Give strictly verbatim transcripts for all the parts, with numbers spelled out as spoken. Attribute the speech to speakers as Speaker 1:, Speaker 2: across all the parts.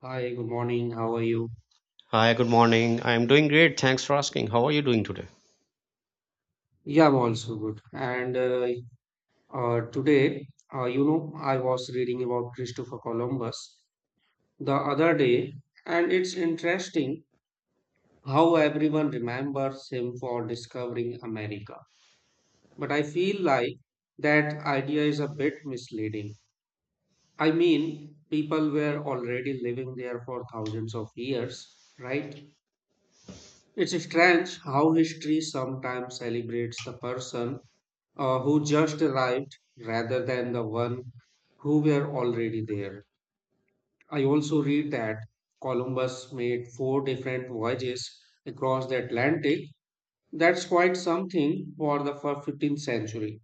Speaker 1: Hi, good morning. How are you?
Speaker 2: Hi, good morning. I am doing great. Thanks for asking. How are you doing today?
Speaker 1: Yeah, I'm also good. And uh, uh, today, uh, you know, I was reading about Christopher Columbus the other day, and it's interesting how everyone remembers him for discovering America. But I feel like that idea is a bit misleading. I mean, people were already living there for thousands of years, right? It's strange how history sometimes celebrates the person uh, who just arrived rather than the one who were already there. I also read that Columbus made four different voyages across the Atlantic. That's quite something for the fir- fifteenth century,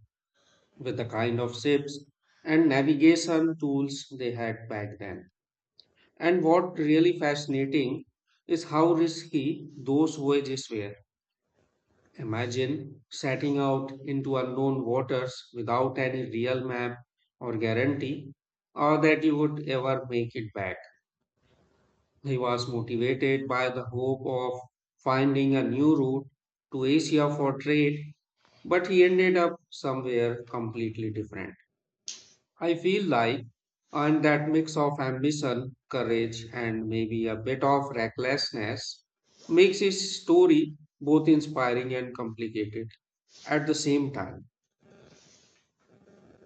Speaker 1: with the kind of ships and navigation tools they had back then. And what really fascinating is how risky those voyages were. Imagine setting out into unknown waters without any real map or guarantee or that you would ever make it back. He was motivated by the hope of finding a new route to Asia for trade, but he ended up somewhere completely different. I feel like and that mix of ambition, courage, and maybe a bit of recklessness makes his story both inspiring and complicated. At the same time,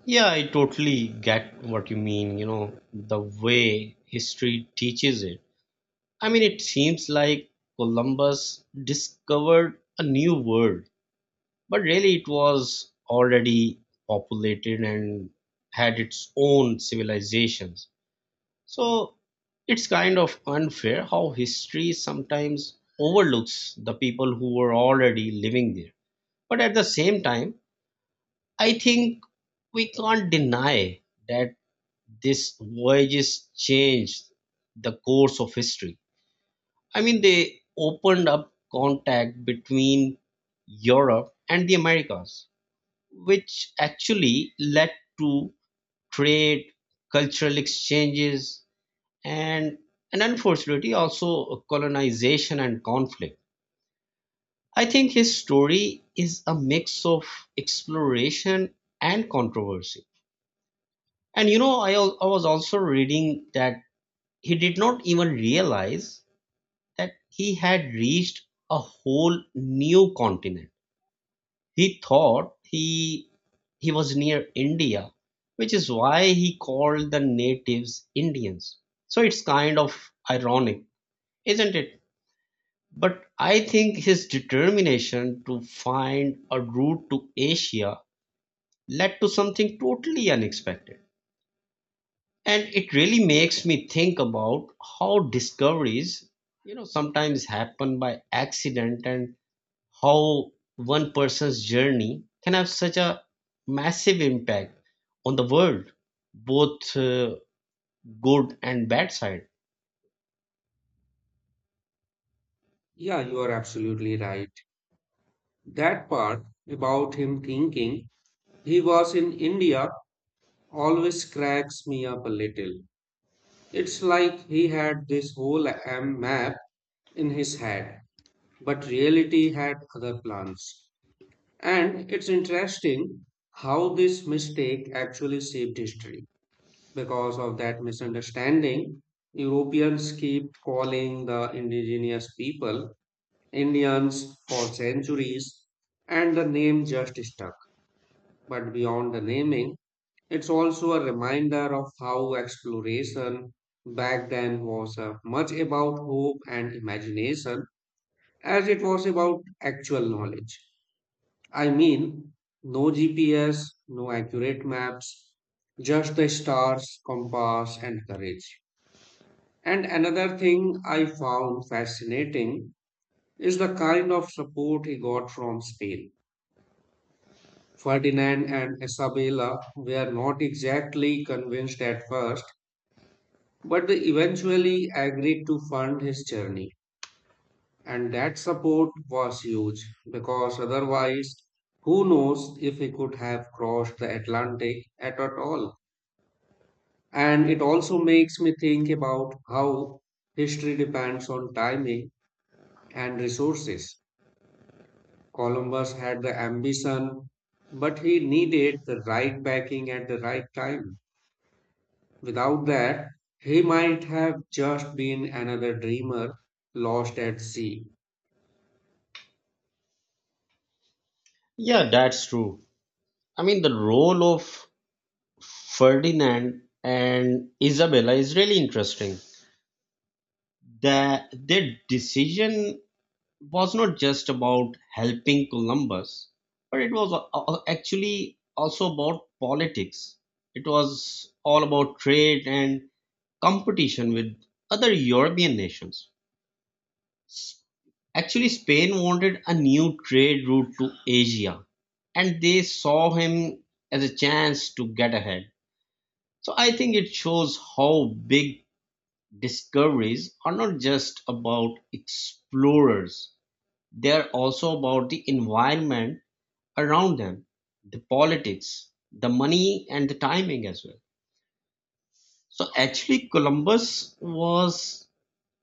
Speaker 2: Yeah, I totally get what you mean, you know, the way history teaches it. I mean, it seems like Columbus discovered a new world, but really it was already populated and had its own civilizations. So it's kind of unfair how history sometimes overlooks the people who were already living there. But at the same time, I think we can't deny that these voyages changed the course of history. I mean, they opened up contact between Europe and the Americas, which actually led to trade, cultural exchanges, and, and unfortunately also colonization and conflict. I think his story is a mix of exploration and controversy. And you know, I, al- I was also reading that he did not even realize that he had reached a whole new continent. He thought he he was near India, which is why he called the natives Indians. So it's kind of ironic, isn't it? But I think his determination to find a route to Asia led to something totally unexpected. And it really makes me think about how discoveries, you know, sometimes happen by accident, and how one person's journey can have such a massive impact on the world, both uh, good and bad side.
Speaker 1: yeah, you are absolutely right. That part about him thinking he was in India always cracks me up a little. It's like he had this whole am map in his head, but reality had other plans. And it's interesting how this mistake actually shaped history. Because of that misunderstanding, Europeans keep calling the indigenous people Indians for centuries, and the name just stuck. But beyond the naming, it's also a reminder of how exploration back then was uh, much about hope and imagination as it was about actual knowledge. I mean, no G P S, no accurate maps, just the stars, compass, and courage. And another thing I found fascinating is the kind of support he got from Spain. Ferdinand and Isabella were not exactly convinced at first, but they eventually agreed to fund his journey. And that support was huge because otherwise, who knows if he could have crossed the Atlantic at all. And it also makes me think about how history depends on timing and resources. Columbus had the ambition, but he needed the right backing at the right time. Without that, he might have just been another dreamer lost at sea.
Speaker 2: Yeah, that's true. I mean, the role of Ferdinand and Isabella is really interesting. That their decision was not just about helping Columbus, but it was a- a- actually also about politics. It was all about trade and competition with other European nations. Actually, Spain wanted a new trade route to Asia, and they saw him as a chance to get ahead. So I think it shows how big discoveries are not just about explorers, they are also about the environment around them, the politics, the money, and the timing as well. So actually, Columbus was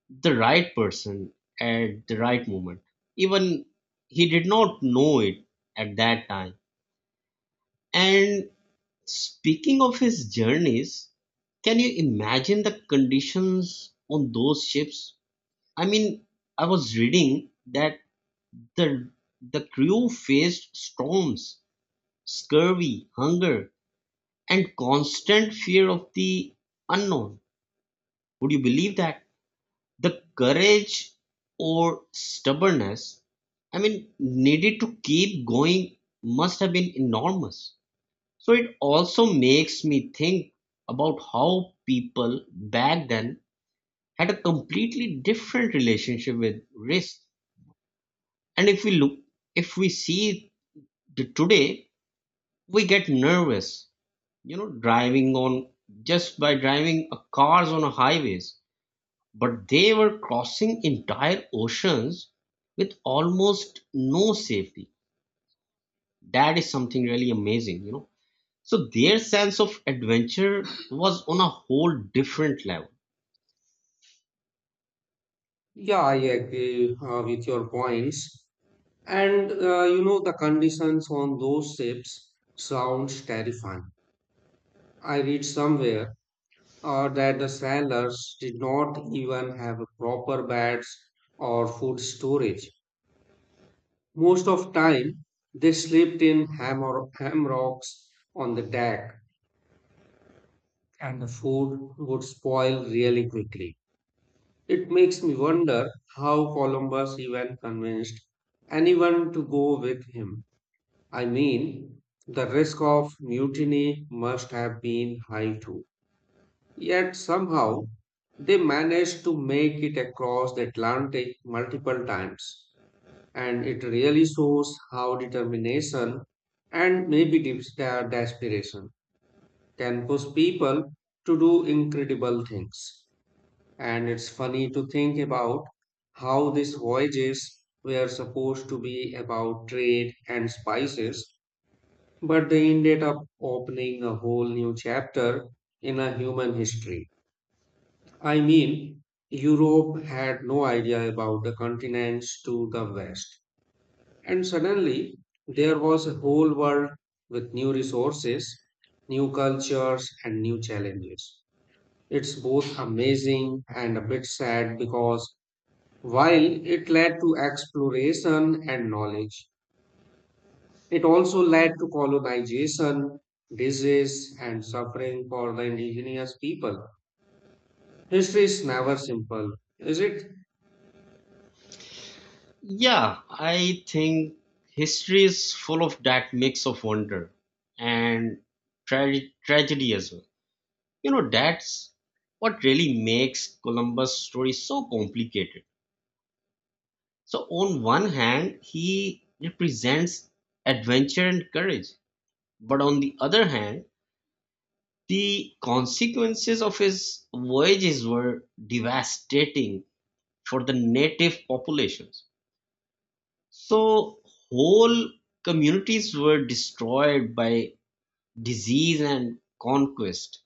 Speaker 2: the right person at the right moment. Even he did not know it at that time. And speaking of his journeys, can you imagine the conditions on those ships? I mean, I was reading that the the crew faced storms, scurvy, hunger, and constant fear of the unknown. Would you believe that? The courage or stubbornness, I mean, needed to keep going must have been enormous. So it also makes me think about how people back then had a completely different relationship with risk. And if we look, if we see the today, we get nervous, you know, driving on just by driving uh, cars on highways, but they were crossing entire oceans with almost no safety. That is something really amazing, you know. So their sense of adventure was on a whole different level.
Speaker 1: Yeah, I agree uh, with your points. And uh, you know, the conditions on those ships sounds terrifying. I read somewhere uh, that the sailors did not even have proper beds or food storage. Most of time, they slept in hammer- hammocks on the deck, and the food would spoil really quickly. It makes me wonder how Columbus even convinced anyone to go with him. I mean, the risk of mutiny must have been high too. Yet somehow they managed to make it across the Atlantic multiple times. And it really shows how determination and maybe des- desperation can push people to do incredible things. And it's funny to think about how these voyages were supposed to be about trade and spices, but they ended up opening a whole new chapter in a human history. I mean, Europe had no idea about the continents to the west, and suddenly there was a whole world with new resources, new cultures, and new challenges. It's both amazing and a bit sad because while it led to exploration and knowledge, it also led to colonization, disease, and suffering for the indigenous people. History is never simple, is it?
Speaker 2: Yeah, I think history is full of that mix of wonder and tra- tragedy as well. You know, that's what really makes Columbus story so complicated. So, on one hand, he represents adventure and courage, but on the other hand, the consequences of his voyages were devastating for the native populations. So, whole communities were destroyed by disease and conquest,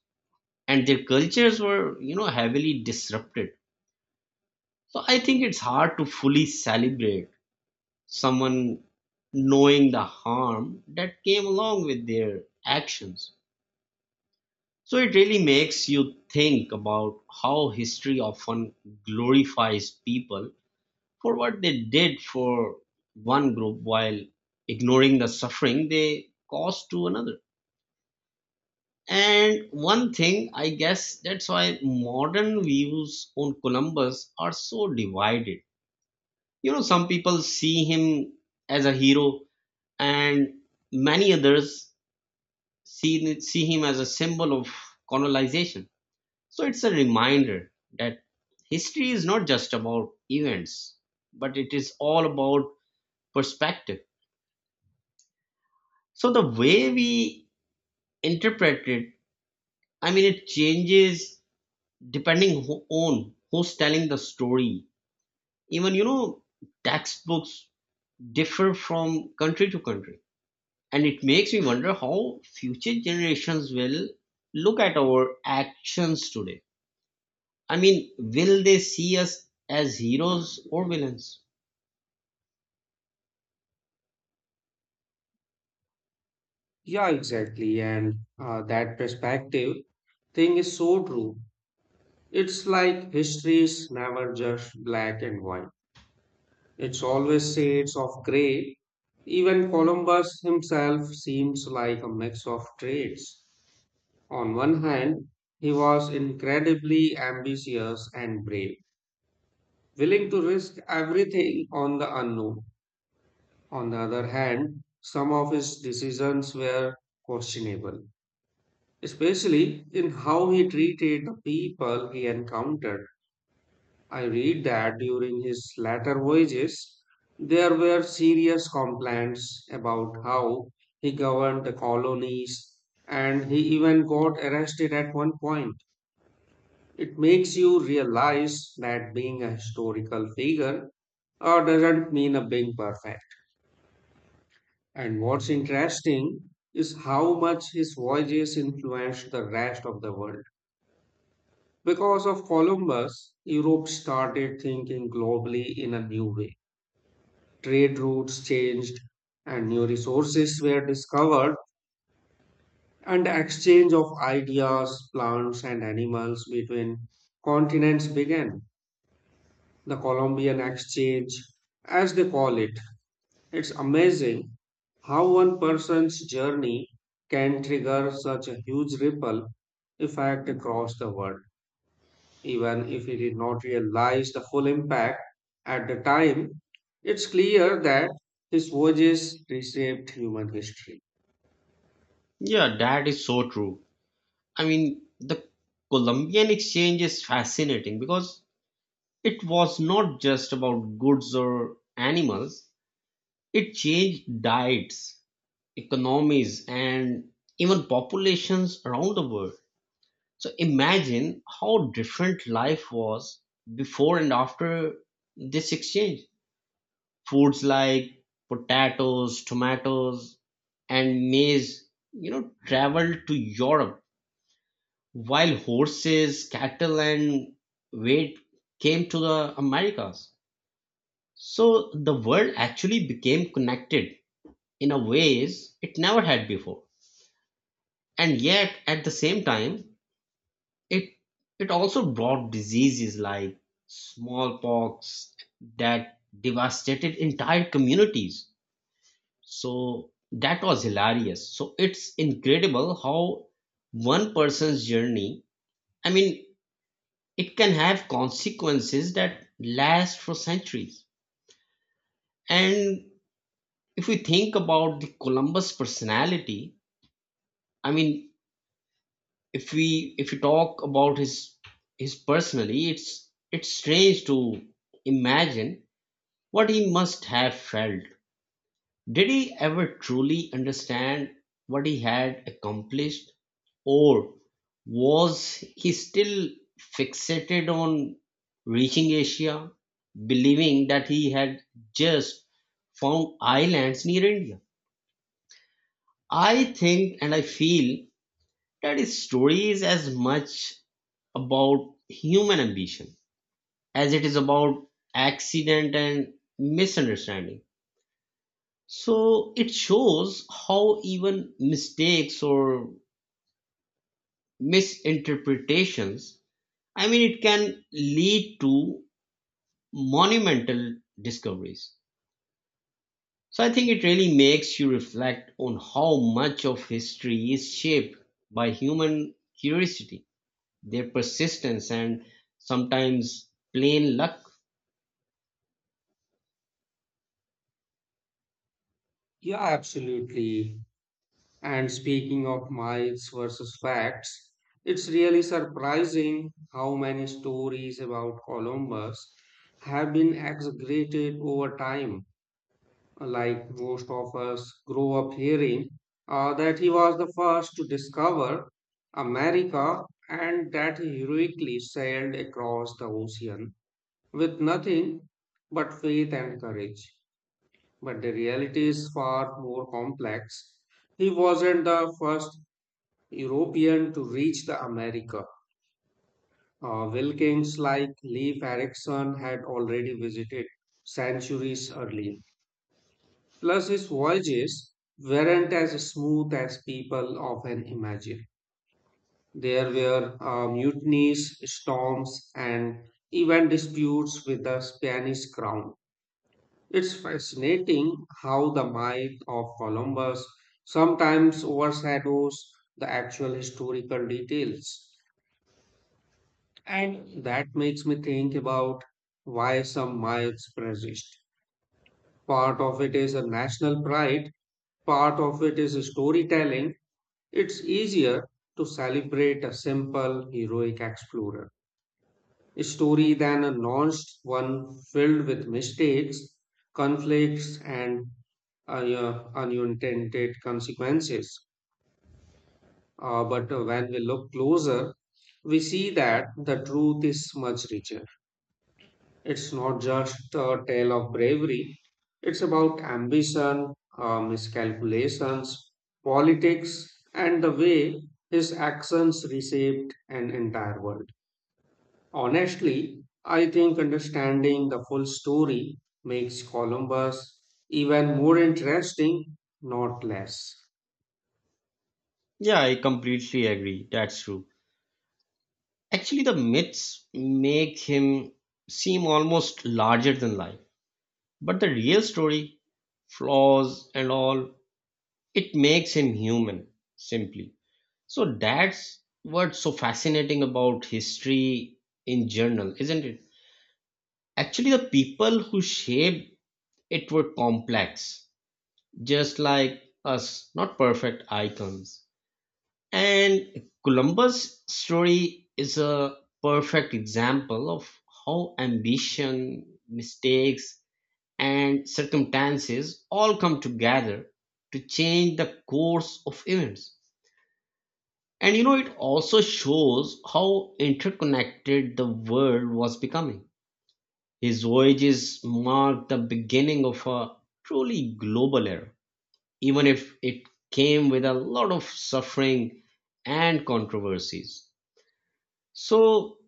Speaker 2: and their cultures were, you know, heavily disrupted. So, I think it's hard to fully celebrate someone knowing the harm that came along with their actions. So it really makes you think about how history often glorifies people for what they did for one group while ignoring the suffering they caused to another. And one thing, I guess that's why modern views on Columbus are so divided. You know, some people see him as a hero, and many others see, see him as a symbol of colonization. So it's a reminder that history is not just about events, but it is all about perspective. So the way we interpret it, I mean, it changes depending who on who's telling the story. Even, you know, textbooks differ from country to country, and it makes me wonder how future generations will look at our actions today. I mean, will they see us as heroes or villains?
Speaker 1: Yeah, exactly. And uh, that perspective thing is so true. It's like history is never just black and white, it's always shades of gray. Even Columbus himself seems like a mix of traits. On one hand, he was incredibly ambitious and brave, willing to risk everything on the unknown. On the other hand, some of his decisions were questionable, especially in how he treated the people he encountered. I read that during his latter voyages, there were serious complaints about how he governed the colonies, and he even got arrested at one point. It makes you realize that being a historical figure uh, doesn't mean uh, being perfect. And what's interesting is how much his voyages influenced the rest of the world. Because of Columbus, Europe started thinking globally in a new way. Trade routes changed, and new resources were discovered, and the exchange of ideas, plants, and animals between continents began. The Colombian exchange, as they call it. It's amazing how one person's journey can trigger such a huge ripple effect across the world. Even if he did not realize the full impact at the time, it's clear that his voyages reshaped human history.
Speaker 2: Yeah, that is so true. I mean, the Columbian exchange is fascinating because it was not just about goods or animals, it changed diets, economies, and even populations around the world. So imagine how different life was before and after this exchange. Foods like potatoes, tomatoes, and maize, you know, traveled to Europe, while horses, cattle, and wheat came to the Americas. So the world actually became connected in a ways it never had before. And yet, at the same time, it it also brought diseases like smallpox that devastated entire communities. So that was hilarious. So it's incredible how one person's journey, I mean, it can have consequences that last for centuries. And if we think about the Columbus personality, I mean, if we if we talk about his his personally, it's it's strange to imagine what he must have felt. Did he ever truly understand what he had accomplished, or was he still fixated on reaching Asia, believing that he had just found islands near India? I think and I feel that his story is as much about human ambition as it is about accident and misunderstanding. So it shows how even mistakes or misinterpretations, I mean, it can lead to monumental discoveries. So I think it really makes you reflect on how much of history is shaped by human curiosity, their persistence, and sometimes plain luck.
Speaker 1: Yeah, absolutely. And speaking of myths versus facts, it's really surprising how many stories about Columbus have been exaggerated over time. Like most of us grow up hearing uh, that he was the first to discover America and that he heroically sailed across the ocean with nothing but faith and courage. But the reality is far more complex. He wasn't the first European to reach the America. Uh, Wilkins like Leif Erikson had already visited centuries earlier. Plus, his voyages weren't as smooth as people often imagine. There were uh, mutinies, storms, and even disputes with the Spanish crown. It's fascinating how the myth of Columbus sometimes overshadows the actual historical details. And that makes me think about why some myths persist. Part of it is a national pride, part of it is a storytelling. It's easier to celebrate a simple heroic explorer story than a launched one filled with mistakes, conflicts, and uh, yeah, unintended consequences. Uh, but uh, when we look closer, we see that the truth is much richer. It's not just a tale of bravery, it's about ambition, uh, miscalculations, politics, and the way his actions reshaped an entire world. Honestly, I think understanding the full story makes Columbus even more interesting, not less.
Speaker 2: Yeah, I completely agree. That's true. Actually, the myths make him seem almost larger than life. But the real story, flaws and all, it makes him human, simply. So that's what's so fascinating about history in general, isn't it? Actually, the people who shaped it were complex, just like us, not perfect icons. And Columbus' story is a perfect example of how ambition, mistakes, and circumstances all come together to change the course of events. And you know, it also shows how interconnected the world was becoming. His voyages marked the beginning of a truly global era, even if it came with a lot of suffering and controversies. So,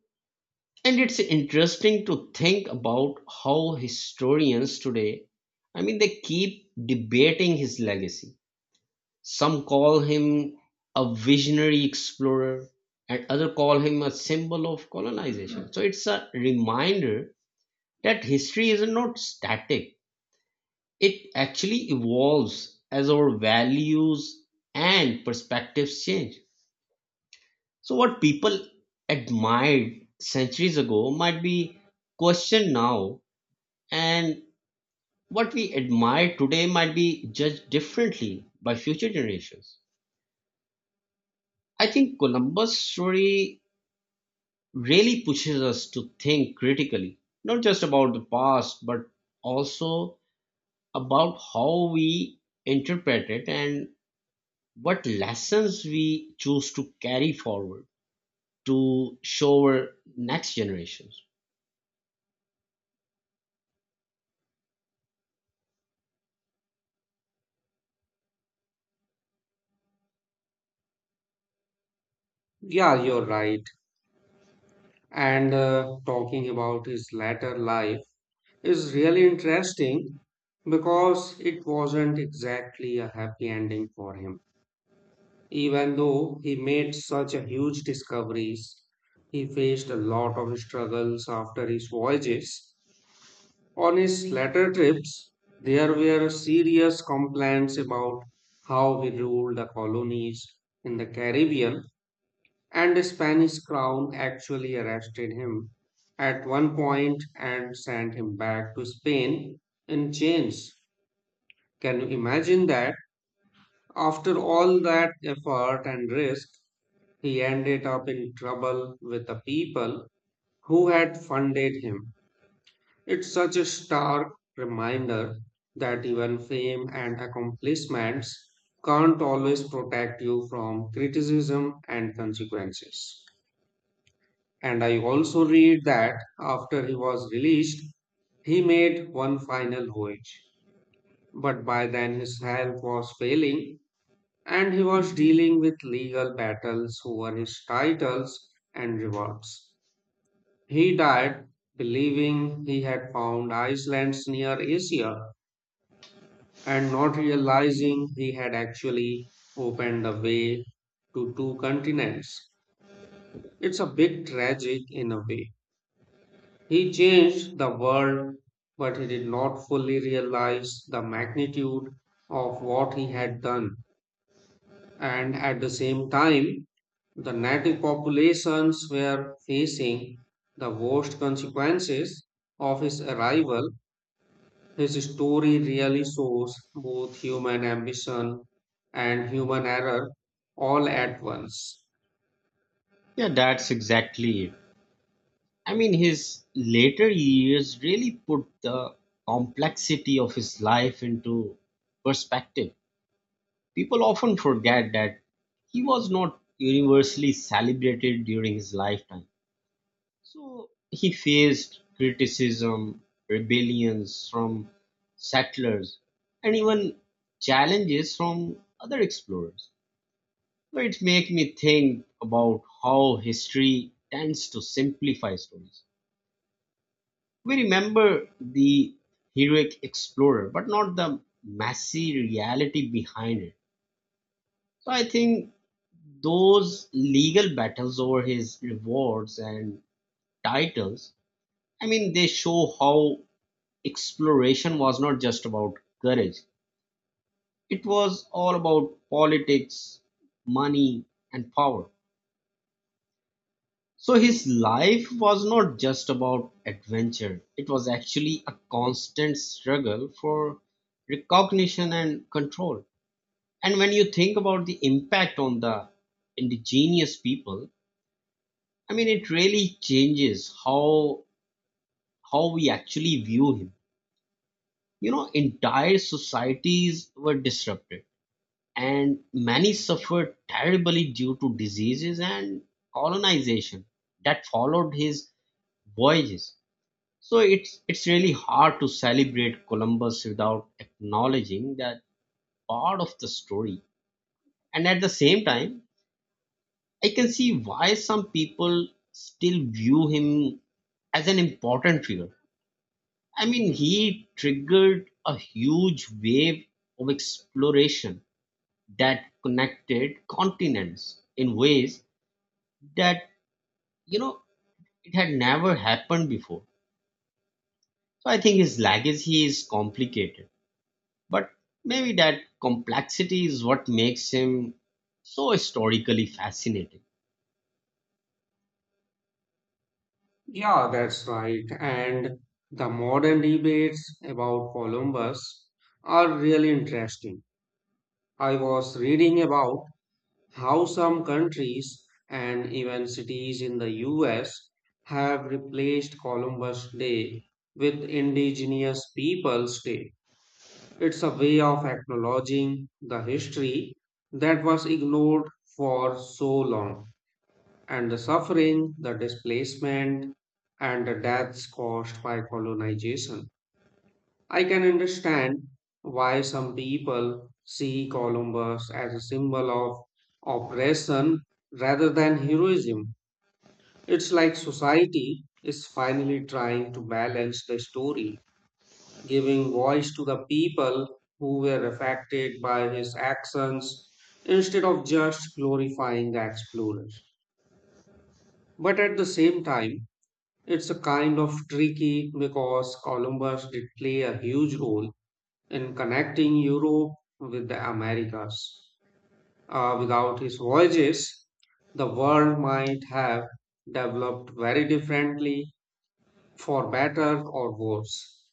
Speaker 2: and it's interesting to think about how historians today, I mean, they keep debating his legacy. Some call him a visionary explorer, and other call him a symbol of colonization. So it's a reminder that history is not static, it actually evolves as our values and perspectives change. So, what people admired centuries ago might be questioned now. And what we admire today might be judged differently by future generations. I think Columbus' story really pushes us to think critically, not just about the past, but also about how we interpret it and what lessons we choose to carry forward to show our next generations.
Speaker 1: Yeah, you're right. And uh, talking about his latter life, is really interesting because it wasn't exactly a happy ending for him. Even though he made such a huge discoveries, he faced a lot of struggles after his voyages. On his later trips, there were serious complaints about how we ruled the colonies in the Caribbean and the Spanish crown actually arrested him at one point and sent him back to Spain in chains. Can you imagine that? After all that effort and risk, he ended up in trouble with the people who had funded him. It's such a stark reminder that even fame and accomplishments can't always protect you from criticism and consequences. And I also read that after he was released, he made one final voyage. But by then his health was failing and he was dealing with legal battles over his titles and rewards. He died believing he had found Iceland's near Asia and not realizing he had actually opened the way to two continents. It's a bit tragic in a way. He changed the world, but he did not fully realize the magnitude of what he had done. And at the same time, the native populations were facing the worst consequences of his arrival. His story really shows both human ambition and human error all at once.
Speaker 2: Yeah, that's exactly it. I mean, his later years really put the complexity of his life into perspective. People often forget that he was not universally celebrated during his lifetime. So he faced criticism, rebellions from settlers, and even challenges from other explorers. So it makes me think about how history tends to simplify stories. We remember the heroic explorer, but not the messy reality behind it. So I think those legal battles over his rewards and titles, I mean, they show how exploration was not just about courage, it was all about politics, money, and power. So his life was not just about adventure, it was actually a constant struggle for recognition and control. And when you think about the impact on the indigenous people, I mean, it really changes how, how we actually view him. You know, entire societies were disrupted, and many suffered terribly due to diseases and colonization that followed his voyages. So it's it's really hard to celebrate Columbus without acknowledging that part of the story. And at the same time, I can see why some people still view him as an important figure. I mean, he triggered a huge wave of exploration that connected continents in ways that, you know, it had never happened before. So I think his legacy is complicated. But maybe that complexity is what makes him so historically fascinating.
Speaker 1: Yeah, that's right. And the modern debates about Columbus are really interesting. I was reading about how some countries and even cities in the U S have replaced Columbus Day with Indigenous Peoples Day. It's a way of acknowledging the history that was ignored for so long and the suffering, the displacement, and the deaths caused by colonization. I can understand why some people see Columbus as a symbol of oppression rather than heroism. It's like society is finally trying to balance the story, giving voice to the people who were affected by his actions instead of just glorifying the explorers. But at the same time, it's a kind of tricky because Columbus did play a huge role in connecting Europe with the Americas. Uh, without his voyages, the world might have developed very differently, for better or worse.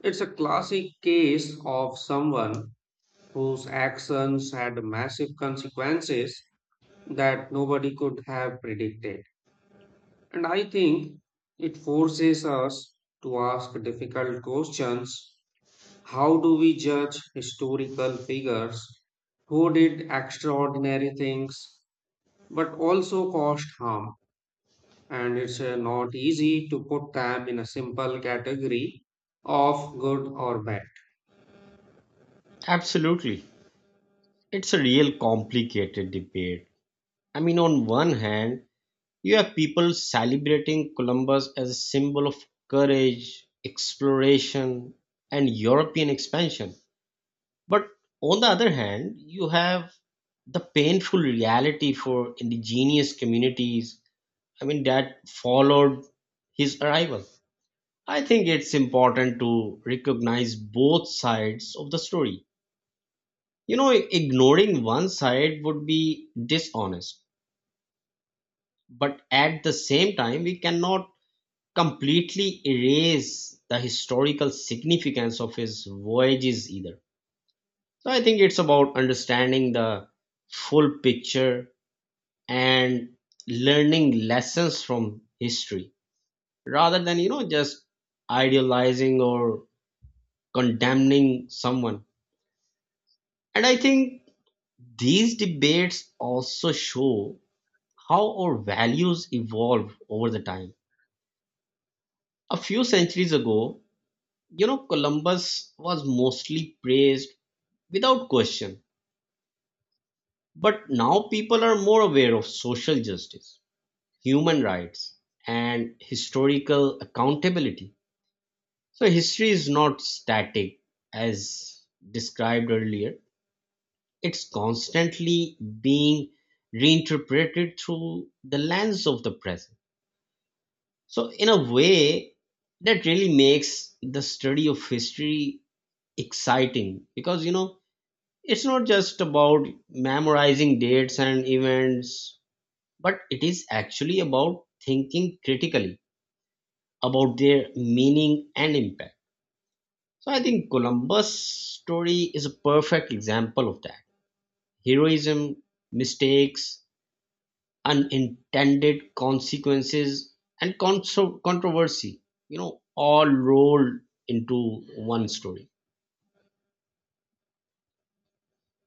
Speaker 1: It's a classic case of someone whose actions had massive consequences that nobody could have predicted. And I think it forces us to ask difficult questions. How do we judge historical figures who did extraordinary things but also caused harm? And it's uh, not easy to put them in a simple category of good or bad.
Speaker 2: Absolutely. It's a real complicated debate. I mean, on one hand, you have people celebrating Columbus as a symbol of courage, exploration, and European expansion. But on the other hand, you have the painful reality for indigenous communities, I mean, that followed his arrival. I think it's important to recognize both sides of the story. You know, ignoring one side would be dishonest, but at the same time, we cannot completely erase the historical significance of his voyages either. So I think it's about understanding the full picture and learning lessons from history rather than, you know, just idealizing or condemning someone. And I think these debates also show how our values evolve over the time. A few centuries ago, you know, Columbus was mostly praised without question. But now people are more aware of social justice, human rights, and historical accountability. So history is not static as described earlier. It's constantly being reinterpreted through the lens of the present. So, in a way, that really makes the study of history exciting because, you know, it's not just about memorizing dates and events, but it is actually about thinking critically about their meaning and impact. So, I think Columbus' story is a perfect example of that: heroism, mistakes, unintended consequences and contro- controversy, you know, all rolled into one story.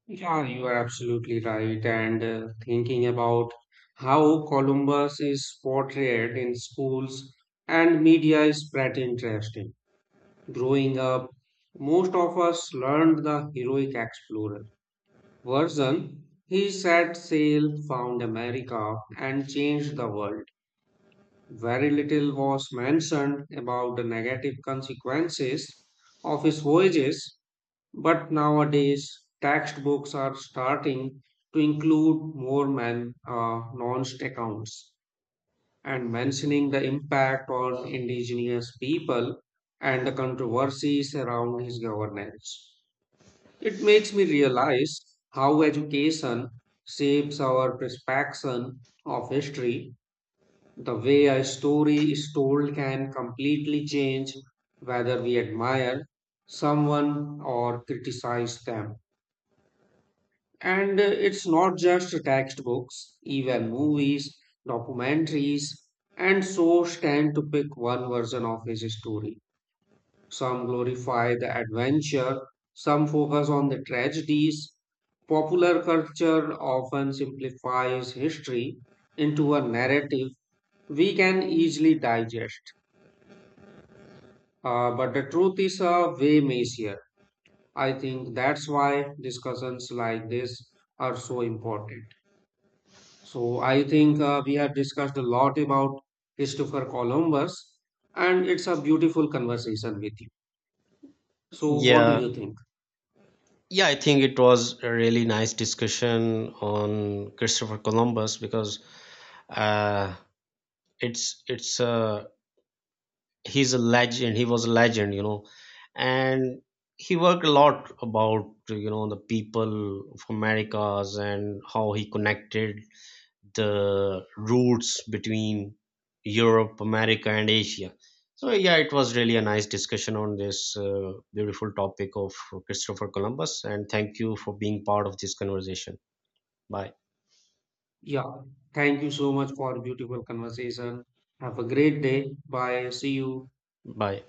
Speaker 1: Yeah, you are absolutely right. And uh, thinking about how Columbus is portrayed in schools and media is pretty interesting. Growing up, most of us learned the heroic explorer version. He set sail, found America, and changed the world. Very little was mentioned about the negative consequences of his voyages, but nowadays textbooks are starting to include more man uh, nuanced accounts and mentioning the impact on indigenous people and the controversies around his governance. It makes me realize how education shapes our perception of history. The way a story is told can completely change whether we admire someone or criticize them. And uh, it's not just textbooks, even movies, documentaries, and shows tend to pick one version of his story. Some glorify the adventure, some focus on the tragedies. Popular culture often simplifies history into a narrative we can easily digest. Uh, but the truth is uh, way messier. I think that's why discussions like this are so important. So I think uh, we have discussed a lot about Christopher Columbus, and it's a beautiful conversation with you. So what do
Speaker 2: Yeah,
Speaker 1: you think?
Speaker 2: yeah, I think it was a really nice discussion on Christopher Columbus, because uh it's it's uh he's a legend, he was a legend, you know. And he worked a lot about, you know, the people of Americas and how he connected the routes between Europe, America, and Asia. So, yeah, it was really a nice discussion on this uh, beautiful topic of Christopher Columbus. And thank you for being part of this conversation. Bye.
Speaker 1: Yeah, thank you so much for a beautiful conversation. Have a great day. Bye. See you.
Speaker 2: Bye.